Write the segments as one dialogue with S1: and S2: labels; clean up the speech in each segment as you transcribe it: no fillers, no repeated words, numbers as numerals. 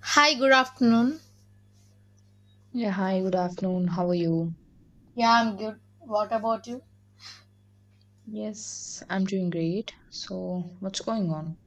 S1: Hi, good afternoon.
S2: Yeah, hi, good afternoon. How are you?
S1: Yeah, I'm good. What about you?
S2: Yes, I'm doing great. So, what's going on?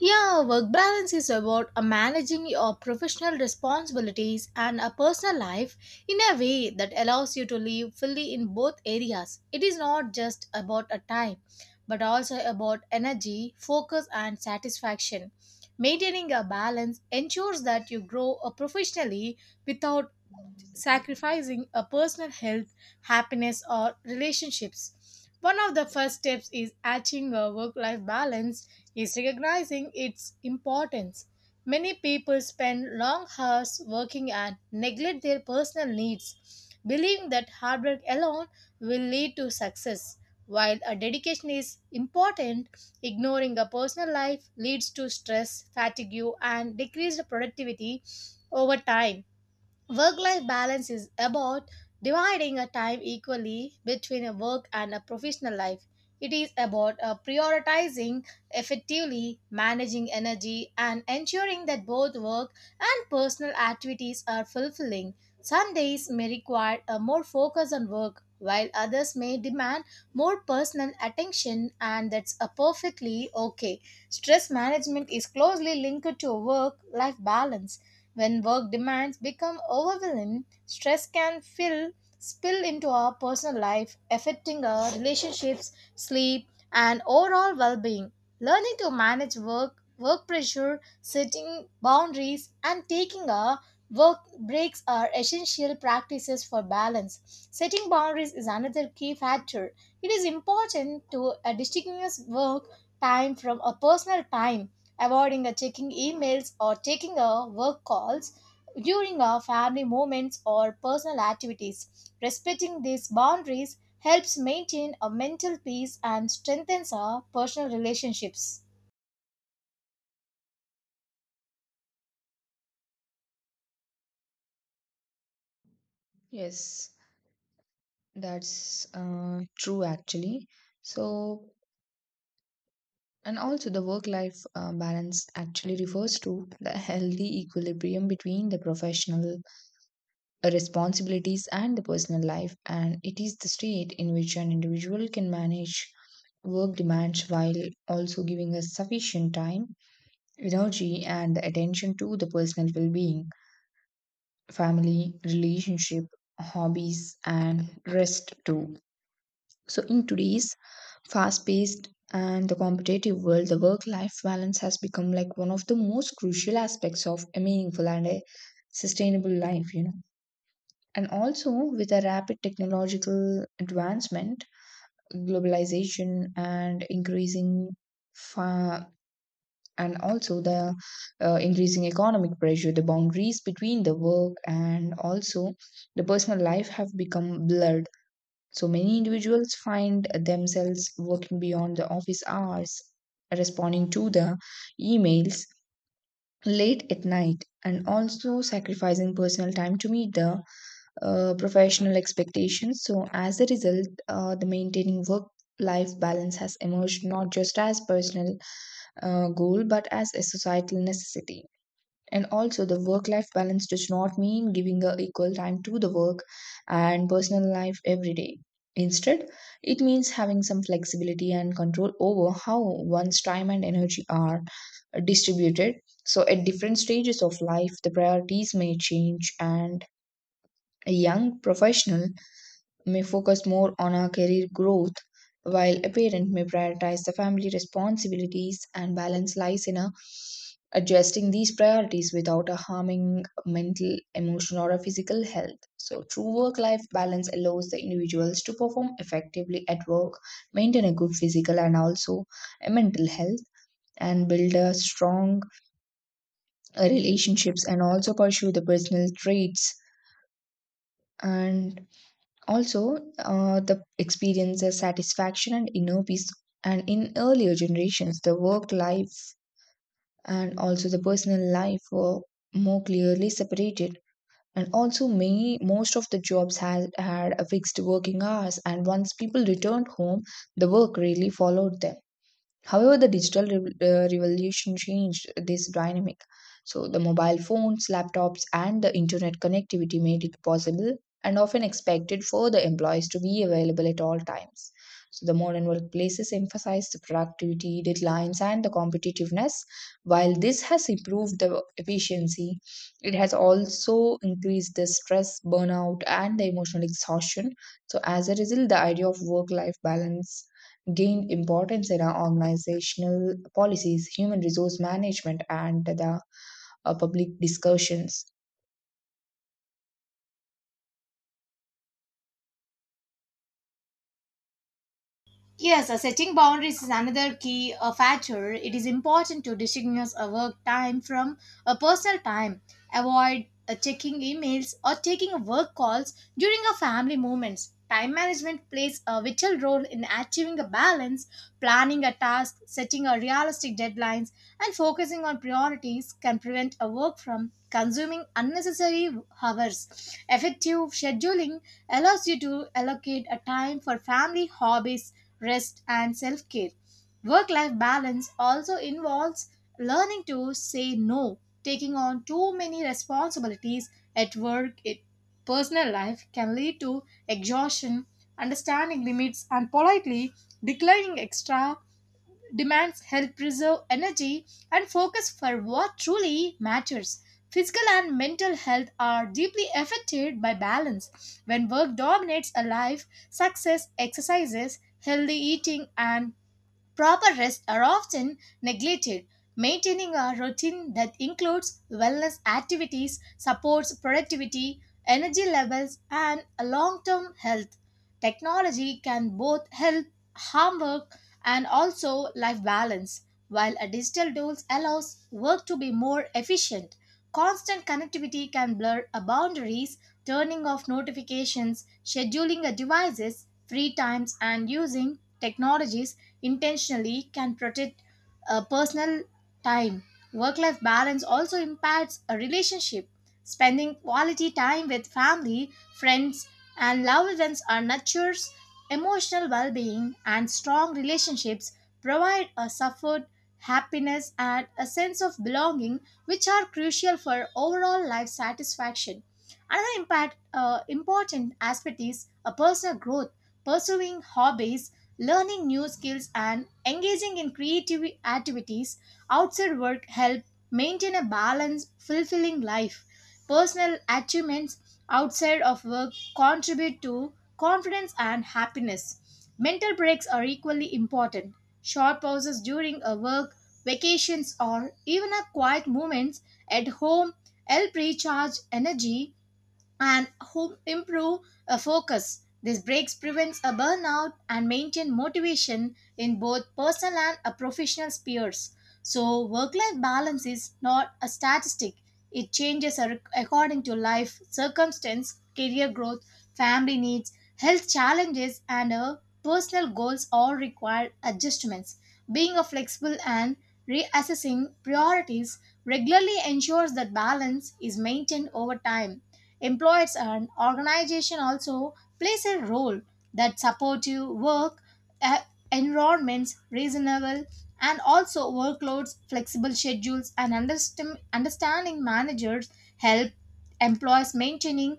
S1: Yeah, work balance is about managing your professional responsibilities and a personal life in a way that allows you to live fully in both areas. It is not just about a time, but also about energy, focus, and satisfaction. Maintaining a balance ensures that you grow professionally without sacrificing a personal health, happiness, or relationships. One of the first steps is achieving a work life balance is recognizing its importance. Many people spend long hours working and neglect their personal needs, believing that hard work alone will lead to success. While a dedication is important, ignoring a personal life leads to stress, fatigue, and decreased productivity over time. Work life balance is about dividing a time equally between a work and a professional life. It is about prioritizing effectively, managing energy, and ensuring that both work and personal activities are fulfilling. Some days may require a more focus on work, while others may demand more personal attention, and that's a perfectly okay. Stress management is closely linked to work life balance when work demands become overwhelming, stress can spill into our personal life, affecting our relationships, sleep, and overall well being. Learning to manage work pressure, setting boundaries, and taking a work breaks are essential practices for balance. Setting boundaries is another key factor. It is important to distinguish work time from a personal time, avoiding checking emails or taking work calls during our family moments or personal activities. Respecting these boundaries helps maintain a mental peace and strengthens our personal relationships.
S2: Yes, that's true actually. So, and also the work-life balance actually refers to the healthy equilibrium between the professional responsibilities and the personal life, and it is the state in which an individual can manage work demands while also giving us sufficient time, energy, and attention to the personal well-being, family, relationship, hobbies, and rest too. So, in today's fast paced and the competitive world, the work life balance has become like one of the most crucial aspects of a meaningful and a sustainable life. And also, with the rapid technological advancement, globalization, and and also the increasing economic pressure, the boundaries between the work and also the personal life have become blurred, so many individuals find themselves working beyond the office hours, responding to the emails late at night, and also sacrificing personal time to meet the professional expectations. So, as a result, the maintaining work life balance has emerged not just as personal goal but as a societal necessity. And also, the work life balance does not mean giving a equal time to the work and personal life every day. Instead, it means having some flexibility and control over how one's time and energy are distributed. So, at different stages of life, the priorities may change, and a young professional may focus more on her career growth, while a parent may prioritize the family responsibilities, and balance lies in a adjusting these priorities without a harming mental, emotional, or physical health. So, true work life balance allows the individuals to perform effectively at work, maintain a good physical and also a mental health, and build a strong relationships, and also pursue the personal traits and also, the experiences, satisfaction, and inner peace. And in earlier generations, the work life and also the personal life were more clearly separated. And also, many most of the jobs had a fixed working hours. And once people returned home, the work really followed them. However, the revolution changed this dynamic. So, the mobile phones, laptops, and the internet connectivity made it possible and often expected for the employees to be available at all times. So, the modern workplaces emphasize the productivity, deadlines, and the competitiveness. While this has improved the efficiency, it has also increased the stress, burnout, and the emotional exhaustion. So, as a result, the idea of work life balance gained importance in our organizational policies, human resource management, and the public discussions.
S1: Yes, setting boundaries is another key factor. It is important to distinguish a work time from a personal time. Avoid checking emails or taking work calls during a family moments. Time management plays a vital role in achieving a balance, planning a task, setting a realistic deadlines, and focusing on priorities can prevent a work from consuming unnecessary hours. Effective scheduling allows you to allocate a time for family hobbies rest, and self care. Work life balance also involves learning to say no. Taking on too many responsibilities at personal life can lead to exhaustion, understanding limits, and politely declining extra demands help preserve energy and focus for what truly matters. Physical and mental health are deeply affected by balance. When work dominates a life, success, exercises, healthy eating, and proper rest are often neglected. Maintaining a routine that includes wellness activities supports productivity, energy levels, and long term health. Technology can both help harm work and also life balance, while a digital tools allows work to be more efficient. Constant connectivity can blur boundaries turning off notifications, scheduling a devices, free times, and using technologies intentionally can protect personal time. Work life balance also impacts a relationship. Spending quality time with family, friends, and loved ones are nurtures emotional well being, and strong relationships provide a support, happiness, and a sense of belonging, which are crucial for overall life satisfaction. Another important aspect is a personal growth, pursuing hobbies, learning new skills, and engaging in creative activities outside work help maintain a balanced, fulfilling life. Personal achievements outside of work contribute to confidence and happiness. Mental breaks are equally important. Short pauses during a work, vacations, or even a quiet moments at home help recharge energy and home improve focus. This breaks prevents a burnout and maintain motivation in both personal and professional spheres. So work-life balance is not a statistic. It changes ar- according to life, circumstance, career growth, family needs, health challenges, and personal goals all require adjustments. Being a flexible and reassessing priorities regularly ensures that balance is maintained over time. Employers and organization also plays a role that supportive work uh, environments, reasonable and also workloads, flexible schedules and understanding managers help employees maintaining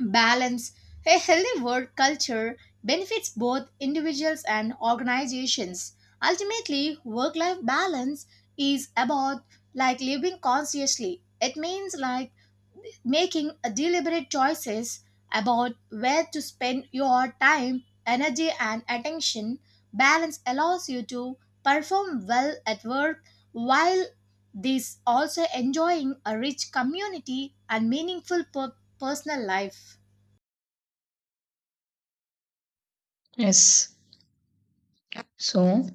S1: balance. A healthy work culture benefits both individuals and organizations. Ultimately, work life balance is about like living consciously. It means like making a deliberate choices about where to spend your time, energy and attention. Balance allows you to perform well at work while this also enjoying a rich community and meaningful personal life.
S2: Yes. So,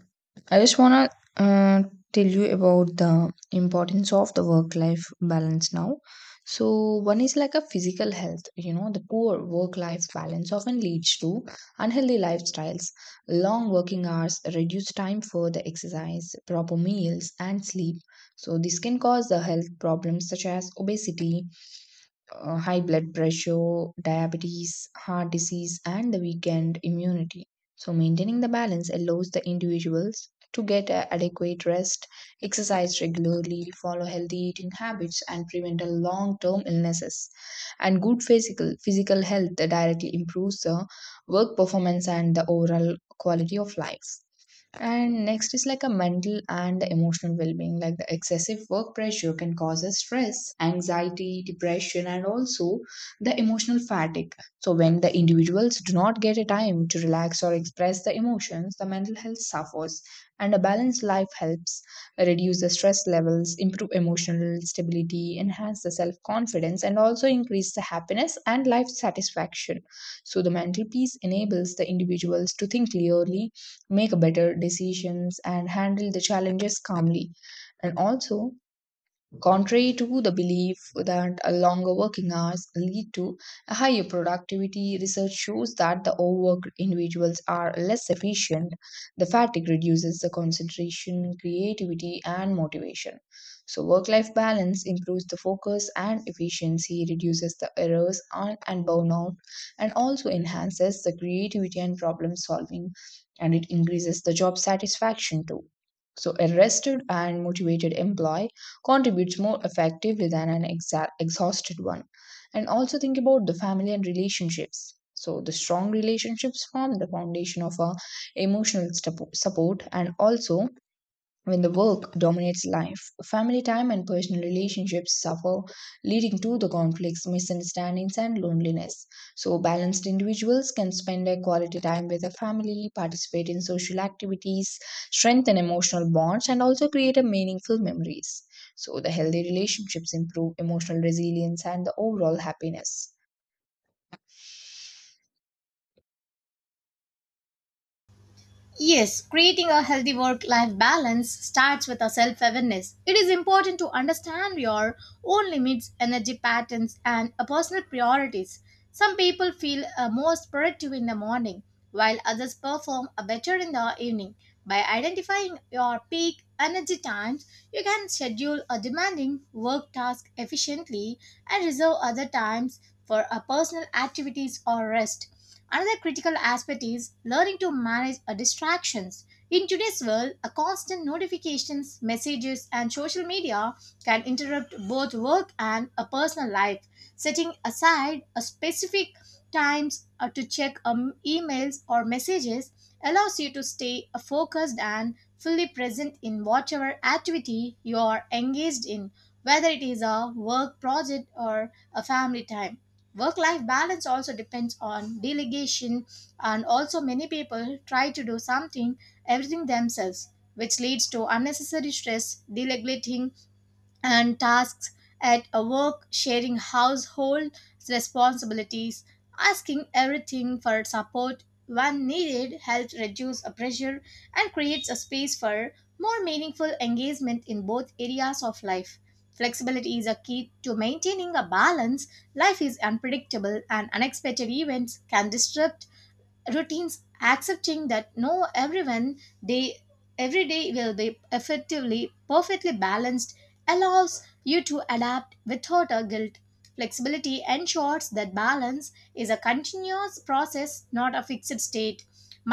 S2: I just want to tell you about the importance of the work life balance now. So, one is like a physical health. You know, the poor work life balance often leads to unhealthy lifestyles, long working hours, reduced time for the exercise, proper meals, and sleep. So, this can cause the health problems such as obesity, high blood pressure, diabetes, heart disease, and the weakened immunity. So, maintaining the balance allows the individuals to get a adequate rest, exercise regularly, follow healthy eating habits, and prevent a long-term illnesses. And good physical health directly improves the work performance and the overall quality of life. And next is like a mental and the emotional well-being. Like the excessive work pressure can cause us stress, anxiety, depression, and also the emotional fatigue. So when the individuals do not get a time to relax or express the emotions, the mental health suffers. And a balanced life helps reduce the stress levels, improve emotional stability, enhance the self-confidence, and also increase the happiness and life satisfaction. So the mental peace enables the individuals to think clearly, make better decisions, and handle the challenges calmly. And also contrary to the belief that longer working hours lead to a higher productivity, research shows that the overworked individuals are less efficient. The fatigue reduces the concentration, creativity, and motivation. So, work life balance improves the focus and efficiency, reduces the errors and burnout, and also enhances the creativity and problem solving, and it increases the job satisfaction too. So, a rested and motivated employee contributes more effectively than an exhausted one. And also think about the family and relationships. So, the strong relationships form the foundation of our emotional support, and also when the work dominates life, family time and personal relationships suffer, leading to the conflicts, misunderstandings, and loneliness. So, balanced individuals can spend their quality time with their family, participate in social activities, strengthen emotional bonds, and also create a meaningful memories. So, the healthy relationships improve emotional resilience and the overall happiness.
S1: Yes, creating a healthy work life balance starts with a self awareness. It is important to understand your own limits, energy patterns, and personal priorities. Some people feel most productive in the morning, while others perform better in the evening. By identifying your peak energy times, you can schedule a demanding work task efficiently and reserve other times for personal activities or rest. Another critical aspect is learning to manage our distractions. In today's world, a constant notifications, messages, and social media can interrupt both work and a personal life. Setting aside a specific times to check emails or messages allows you to stay focused and fully present in whatever activity you are engaged in, whether it is a work project or a family time work life balance also depends on delegation and also many people try to do something everything themselves which leads to unnecessary stress delegating and tasks at a work, sharing household responsibilities, asking everything for support when needed helps reduce a pressure and creates a space for more meaningful engagement in both areas of life. Flexibility is a key to maintaining a balance. Life is unpredictable and unexpected events can disrupt routines accepting that no day every day will be effectively perfectly balanced allows you to adapt without a guilt flexibility ensures that balance is a continuous process not a fixed state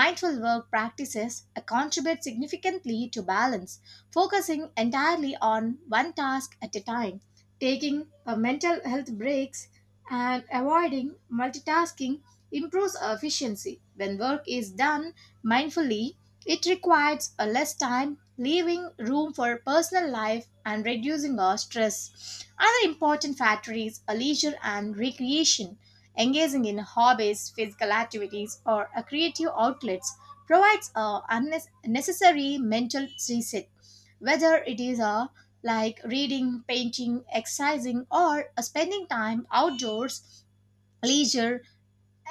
S1: mindful work practices contribute significantly to balance focusing entirely on one task at a time taking a mental health breaks and avoiding multitasking improves efficiency. When work is done mindfully, it requires a less time, leaving room for personal life and reducing our stress. Other important factor is a leisure and recreation. Engaging in hobbies, physical activities, or a creative outlets provides a unnecessary mental reset. Whether it is a like reading, painting, exercising, or a spending time outdoors, leisure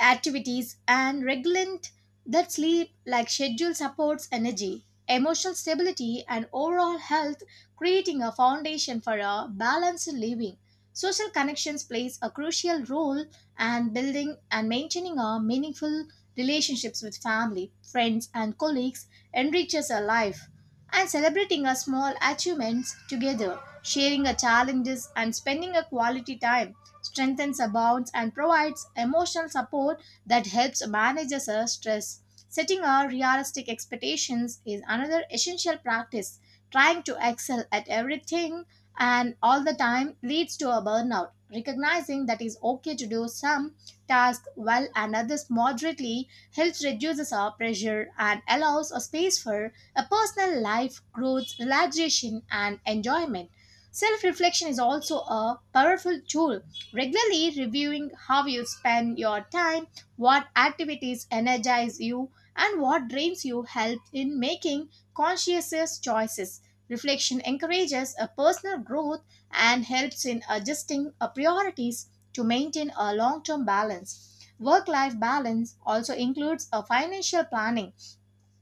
S1: activities and regulate that sleep like schedule supports energy, emotional stability, and overall health, creating a foundation for a balanced living. Social connections plays a crucial role and building and maintaining a meaningful relationships with family, friends, and colleagues enriches a life and celebrating our small achievements together, sharing our challenges, and spending a quality time strengthens our bonds and provides emotional support that helps manage our stress. Setting our realistic expectations is another essential practice. Trying to excel at everything and all the time leads to a burnout. Recognizing that it's okay to do some tasks well and others moderately helps reduces our pressure and allows a space for a personal life, growth, relaxation, and enjoyment. Self reflection is also a powerful tool. Regularly reviewing how you spend your time, what activities energize you, and what drains you helps in making conscious choices. Reflection encourages a personal growth and helps in adjusting our priorities to maintain a long term balance. Work life balance also includes a financial planning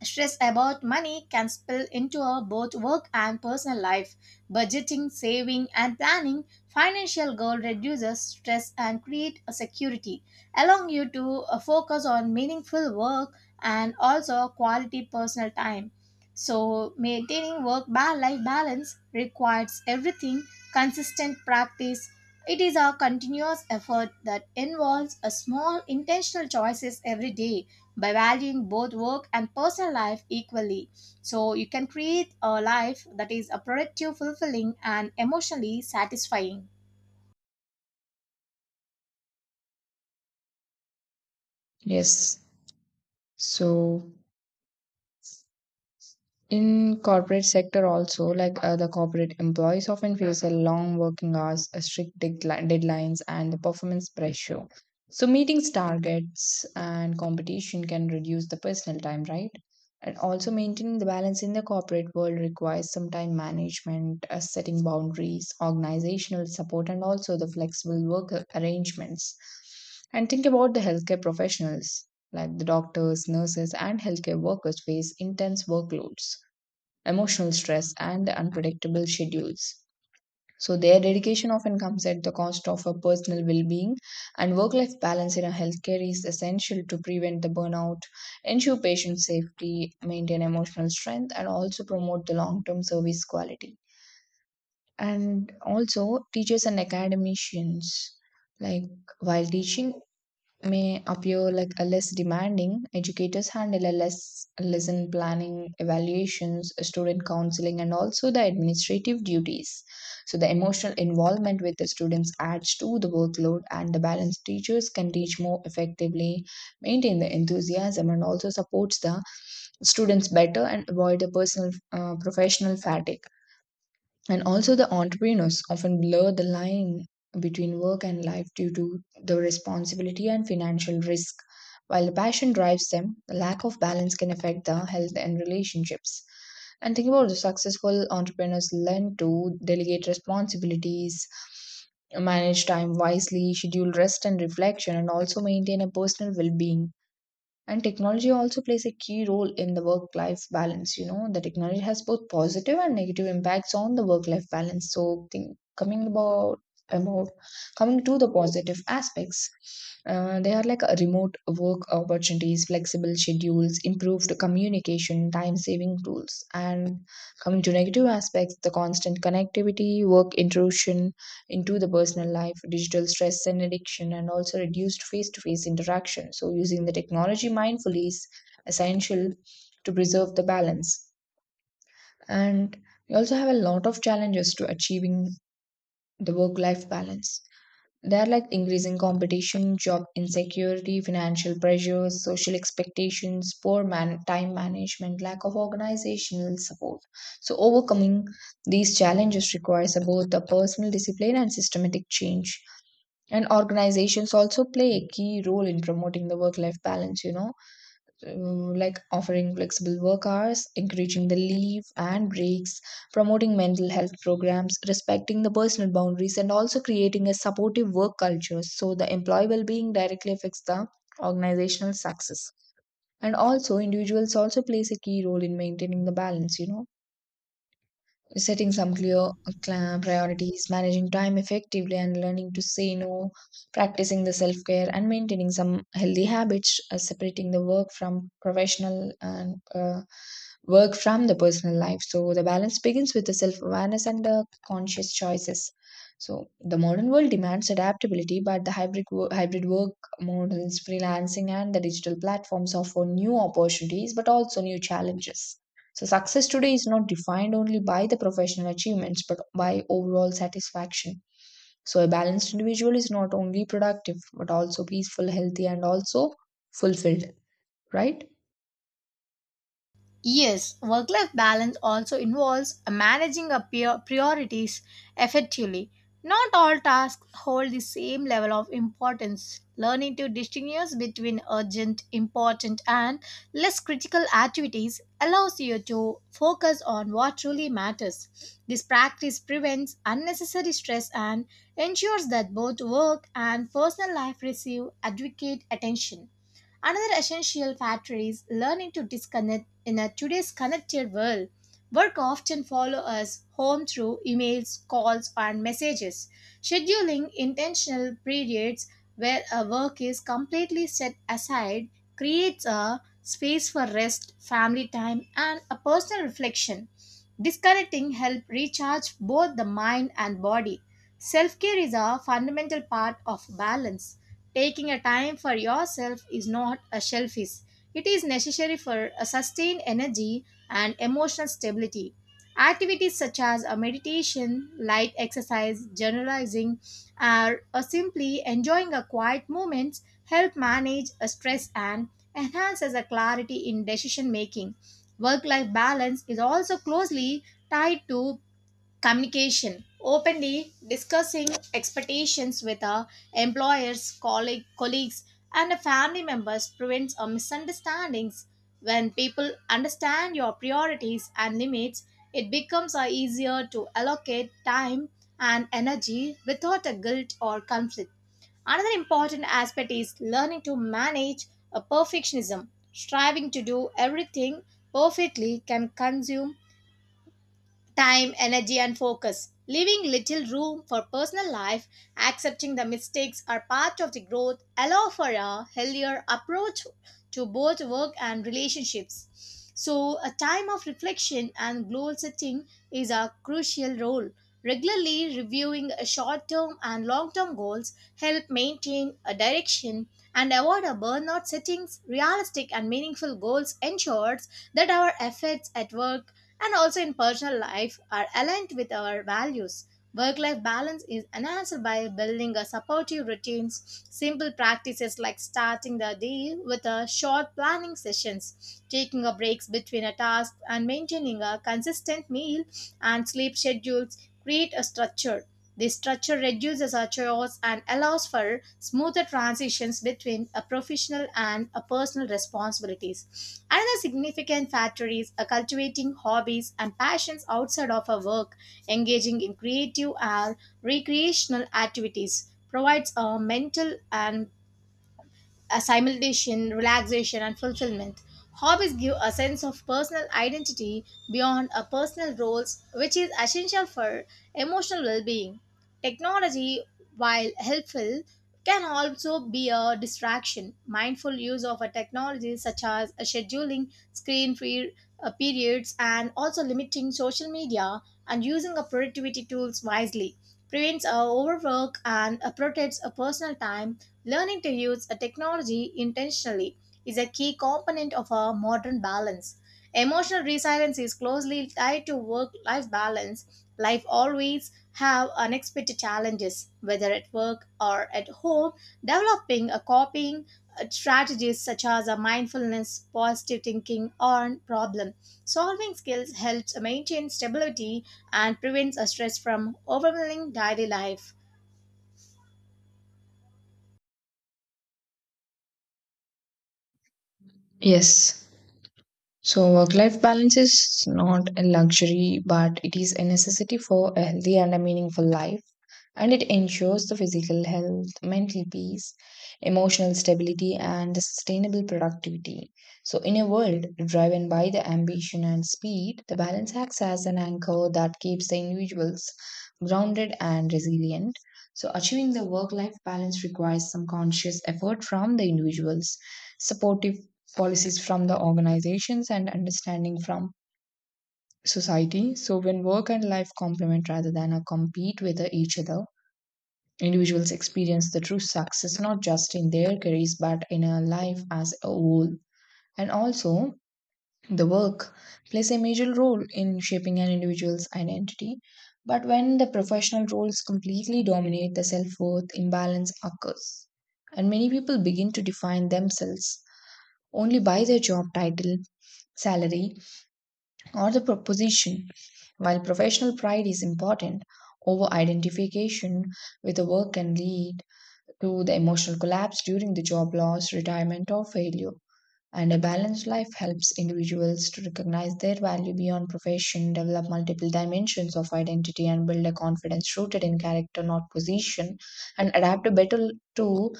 S1: stress about money can spill into our both work and personal life. Budgeting, saving, and planning financial goal reduces stress and create a security, allowing you to focus on meaningful work and also quality personal time. So, maintaining work life balance requires everything consistent practice. It is a continuous effort that involves a small intentional choices every day by valuing both work and personal life equally. So, you can create a life that is a productive, fulfilling, and emotionally satisfying.
S2: Yes. So, in corporate sector also, like the corporate employees often face a long working hours, a strict deadlines, and the performance pressure. So, meetings, targets, and competition can reduce the personal time, right? And also maintaining the balance in the corporate world requires some time management, setting boundaries, organizational support, and also the flexible work arrangements. And think about the healthcare professionals, like the doctors, nurses, and healthcare workers face intense workloads, emotional stress, and the unpredictable schedules. So, their dedication often comes at the cost of a personal well being, and work life balance in a healthcare is essential to prevent the burnout, ensure patient safety, maintain emotional strength, and also promote the long term service quality. And also, teachers and academicians, like while teaching may appear like a less demanding, educators handle a less lesson planning, evaluations, student counseling, and also the administrative duties. So the emotional involvement with the students adds to the workload, and the balanced teachers can teach more effectively, maintain the enthusiasm, and also supports the students better, and avoid the personal professional fatigue. And also, the entrepreneurs often blur the line between work and life due to the responsibility and financial risk. While the passion drives them, the lack of balance can affect the health and relationships. And think about the successful entrepreneurs learn to delegate responsibilities, manage time wisely, schedule rest and reflection, and also maintain a personal well being. And technology also plays a key role in the work life balance. You know, the technology has both positive and negative impacts on the work life balance. So, think, coming about coming to the positive aspects, they are like a remote work opportunities, flexible schedules, improved communication, time saving tools, and coming to negative aspects, the constant connectivity, work intrusion into the personal life, digital stress and addiction, and also reduced face to face interaction. So, using the technology mindfully is essential to preserve the balance. And we also have a lot of challenges to achieving the work life balance. They are like increasing competition, job insecurity, financial pressures, social expectations, time management, lack of organizational support. So, overcoming these challenges requires both a personal discipline and systematic change. And organizations also play a key role in promoting the work life balance. Like offering flexible work hours, encouraging the leave and breaks, promoting mental health programs, respecting the personal boundaries, and also creating a supportive work culture. So the employee well-being directly affects the organizational success. And also individuals also plays a key role in maintaining the balance, you know, setting some clear priorities, managing time effectively, and learning to say no, practicing the self care, and maintaining some healthy habits, separating the work from professional and work from the personal life. So, the balance begins with the self awareness and the conscious choices. So, the modern world demands adaptability, but the hybrid work models, freelancing, and the digital platforms offer new opportunities but also new challenges. So, success today is not defined only by the professional achievements but by overall satisfaction. So, a balanced individual is not only productive but also peaceful, healthy, and also fulfilled, right?
S1: Yes, work life balance also involves managing our priorities effectively. Not all tasks hold the same level of importance. Learning to distinguish between urgent, important, and less critical activities allows you to focus on what truly matters. This practice prevents unnecessary stress and ensures that both work and personal life receive adequate attention. Another essential factor is learning to disconnect in a today's connected world. Work often follow us home through emails, calls, and messages. Scheduling intentional periods where a work is completely set aside creates a space for rest, family time, and a personal reflection. Disconnecting helps recharge both the mind and body. Self care is a fundamental part of balance. Taking a time for yourself is not a selfish. It is necessary for a sustained energy and emotional stability. Activities such as a meditation, light exercise, generalizing, or simply enjoying a quiet moment help manage a stress and enhances a clarity in decision making. Work life balance is also closely tied to communication openly discussing expectations with our employers, colleagues, and family members prevents a misunderstandings. When people understand your priorities and limits, it becomes a easier to allocate time and energy without a guilt or conflict. Another important aspect is learning to manage a perfectionism. Striving to do everything perfectly can consume time, energy, and focus, leaving little room for personal life, accepting the mistakes are part of the growth, allow for a healthier approach to both work and relationships. So, a time of reflection and goal setting is a crucial role. Regularly reviewing short term and long term goals help maintain a direction and avoid a burnout settings. Realistic and meaningful goals ensures that our efforts at work and also in personal life are aligned with our values. Work life balance is enhanced by building a supportive routines, simple practices like starting the day with a short planning sessions, taking a breaks between a task and maintaining a consistent meal and sleep schedules create a structure. This structure reduces our chores and allows for smoother transitions between a professional and a personal responsibilities. Another significant factor is cultivating hobbies and passions outside of our work, engaging in creative or recreational activities provides a mental and a simulation, relaxation, and fulfillment. Hobbies give a sense of personal identity beyond a personal roles, which is essential for emotional well-being. Technology, while helpful, can also be a distraction. Mindful use of a technology such as a scheduling screen-free periods and also limiting social media and using a productivity tools wisely prevents a overwork and protects a personal time. Learning to use a technology intentionally is a key component of our modern balance. Emotional resilience is closely tied to work-life balance. Life always have unexpected challenges, whether at work or at home. Developing a coping strategies such as a mindfulness, positive thinking, or problem solving skills helps maintain stability and prevents a stress from overwhelming daily life.
S2: Yes. So, work life balance is not a luxury, but it is a necessity for a healthy and a meaningful life. And it ensures the physical health, mental peace, emotional stability, and the sustainable productivity. So, in a world driven by the ambition and speed, the balance acts as an anchor that keeps the individuals grounded and resilient. So, achieving the work life balance requires some conscious effort from the individuals, supportive policies from the organizations, and understanding from society. So, when work and life complement rather than a compete with each other, individuals experience the true success not just in their careers but in a life as a whole. And also, the work plays a major role in shaping an individual's identity. But when the professional roles completely dominate, the self worth imbalance occurs. And many people begin to define themselves only by their job title, salary, or the proposition. While professional pride is important, over identification with the work can lead to the emotional collapse during the job loss, retirement, or failure. And a balanced life helps individuals to recognize their value beyond profession, develop multiple dimensions of identity, and build a confidence rooted in character, not position, and adapt better to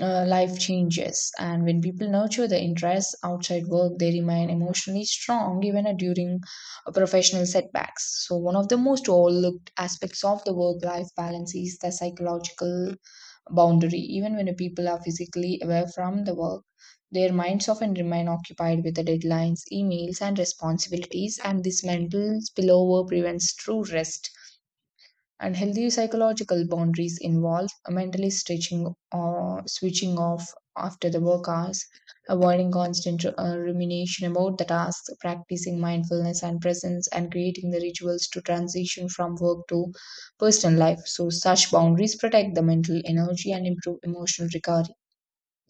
S2: life changes. And when people nurture their interests outside work, they remain emotionally strong even during professional setbacks. So one of the most overlooked aspects of the work life balance is the psychological boundary. Even when people are physically away from the work, their minds often remain occupied with the deadlines, emails, and responsibilities, and this mental spillover prevents true rest. And healthy psychological boundaries involve mentally stretching or switching off after the work hours, avoiding constant rumination about the tasks, practicing mindfulness and presence, and creating the rituals to transition from work to personal life. So such boundaries protect the mental energy and improve emotional recovery.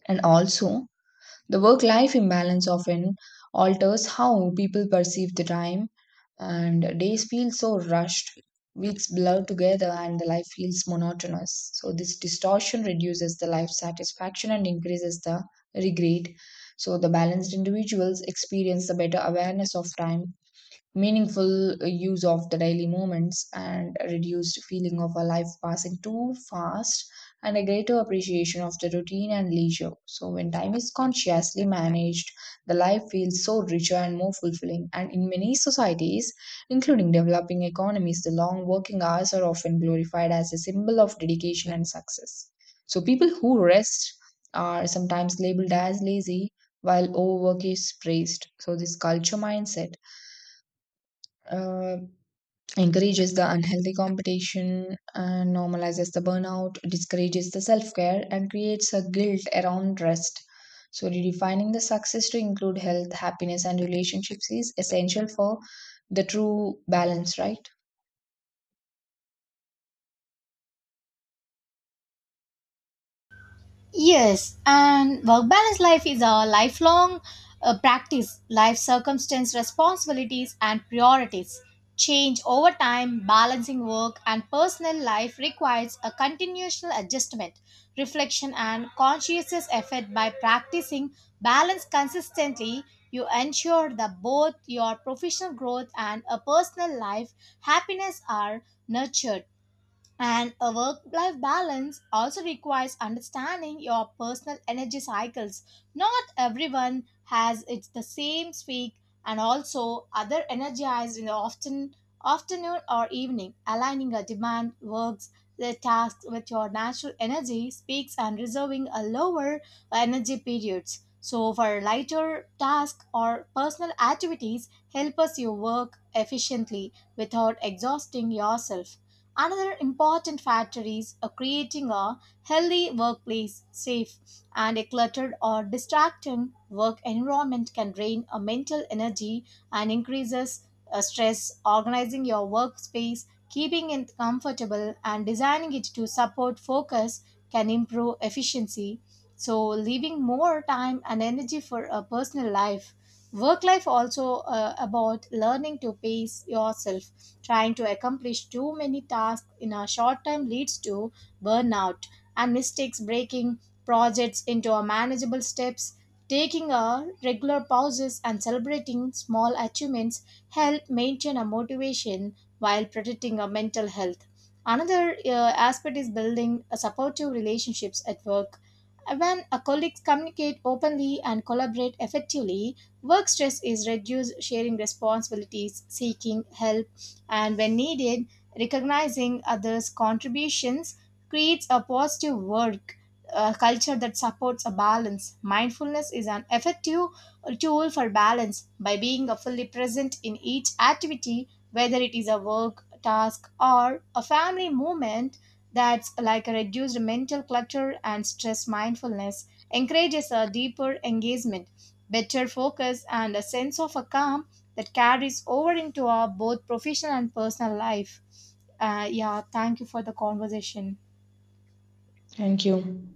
S2: And also, the work life imbalance often alters how people perceive the time, and days feel so rushed, weeks blur together, and the life feels monotonous. So, this distortion reduces the life satisfaction and increases the regret. So, the balanced individuals experience the better awareness of time, meaningful use of the daily moments, and a reduced feeling of a life passing too fast, and a greater appreciation of the routine and leisure. So when time is consciously managed, the life feels so richer and more fulfilling. And in many societies including developing economies, the long working hours are often glorified as a symbol of dedication and success. So people who rest are sometimes labeled as lazy while overwork is praised. So this culture mindset uh, encourages the unhealthy competition and normalizes the burnout, discourages the self care, and creates a guilt around rest. So, redefining the success to include health, happiness, and relationships is essential for the true balance, right?
S1: Yes, and work balance life is a lifelong practice. Life circumstance, responsibilities, and priorities change over time. Balancing work and personal life requires a continuational adjustment, reflection, and conscientious effort. By practicing balance consistently, you ensure that both your professional growth and a personal life happiness are nurtured. And a work life balance also requires understanding your personal energy cycles. Not everyone has it's the same speak and also other energized in the often afternoon or evening. Aligning a demand works the tasks with your natural energy speaks and reserving a lower energy periods. So for lighter tasks or personal activities help us you work efficiently without exhausting yourself. Another important factor is creating a healthy workplace, safe and a cluttered or distracting work environment can drain a mental energy and increases stress. Organizing your workspace, keeping it comfortable and designing it to support focus can improve efficiency. So leaving more time and energy for a personal life. Work life also about learning to pace yourself. Trying to accomplish too many tasks in a short time leads to burnout and mistakes breaking projects into a manageable steps. Taking a regular pauses and celebrating small achievements help maintain a motivation while protecting our mental health. Another aspect is building a supportive relationships at work. When a colleagues communicate openly and collaborate effectively, work stress is reduced, sharing responsibilities, seeking help, and when needed, recognizing others' contributions creates a positive work culture that supports a balance. Mindfulness is an effective tool for balance by being a fully present in each activity, whether it is a work task or a family movement. That's like a reduced mental clutter and stress mindfulness encourages a deeper engagement better focus, and a sense of a calm that carries over into our both professional and personal life. Yeah, thank you for the conversation.
S2: Thank you.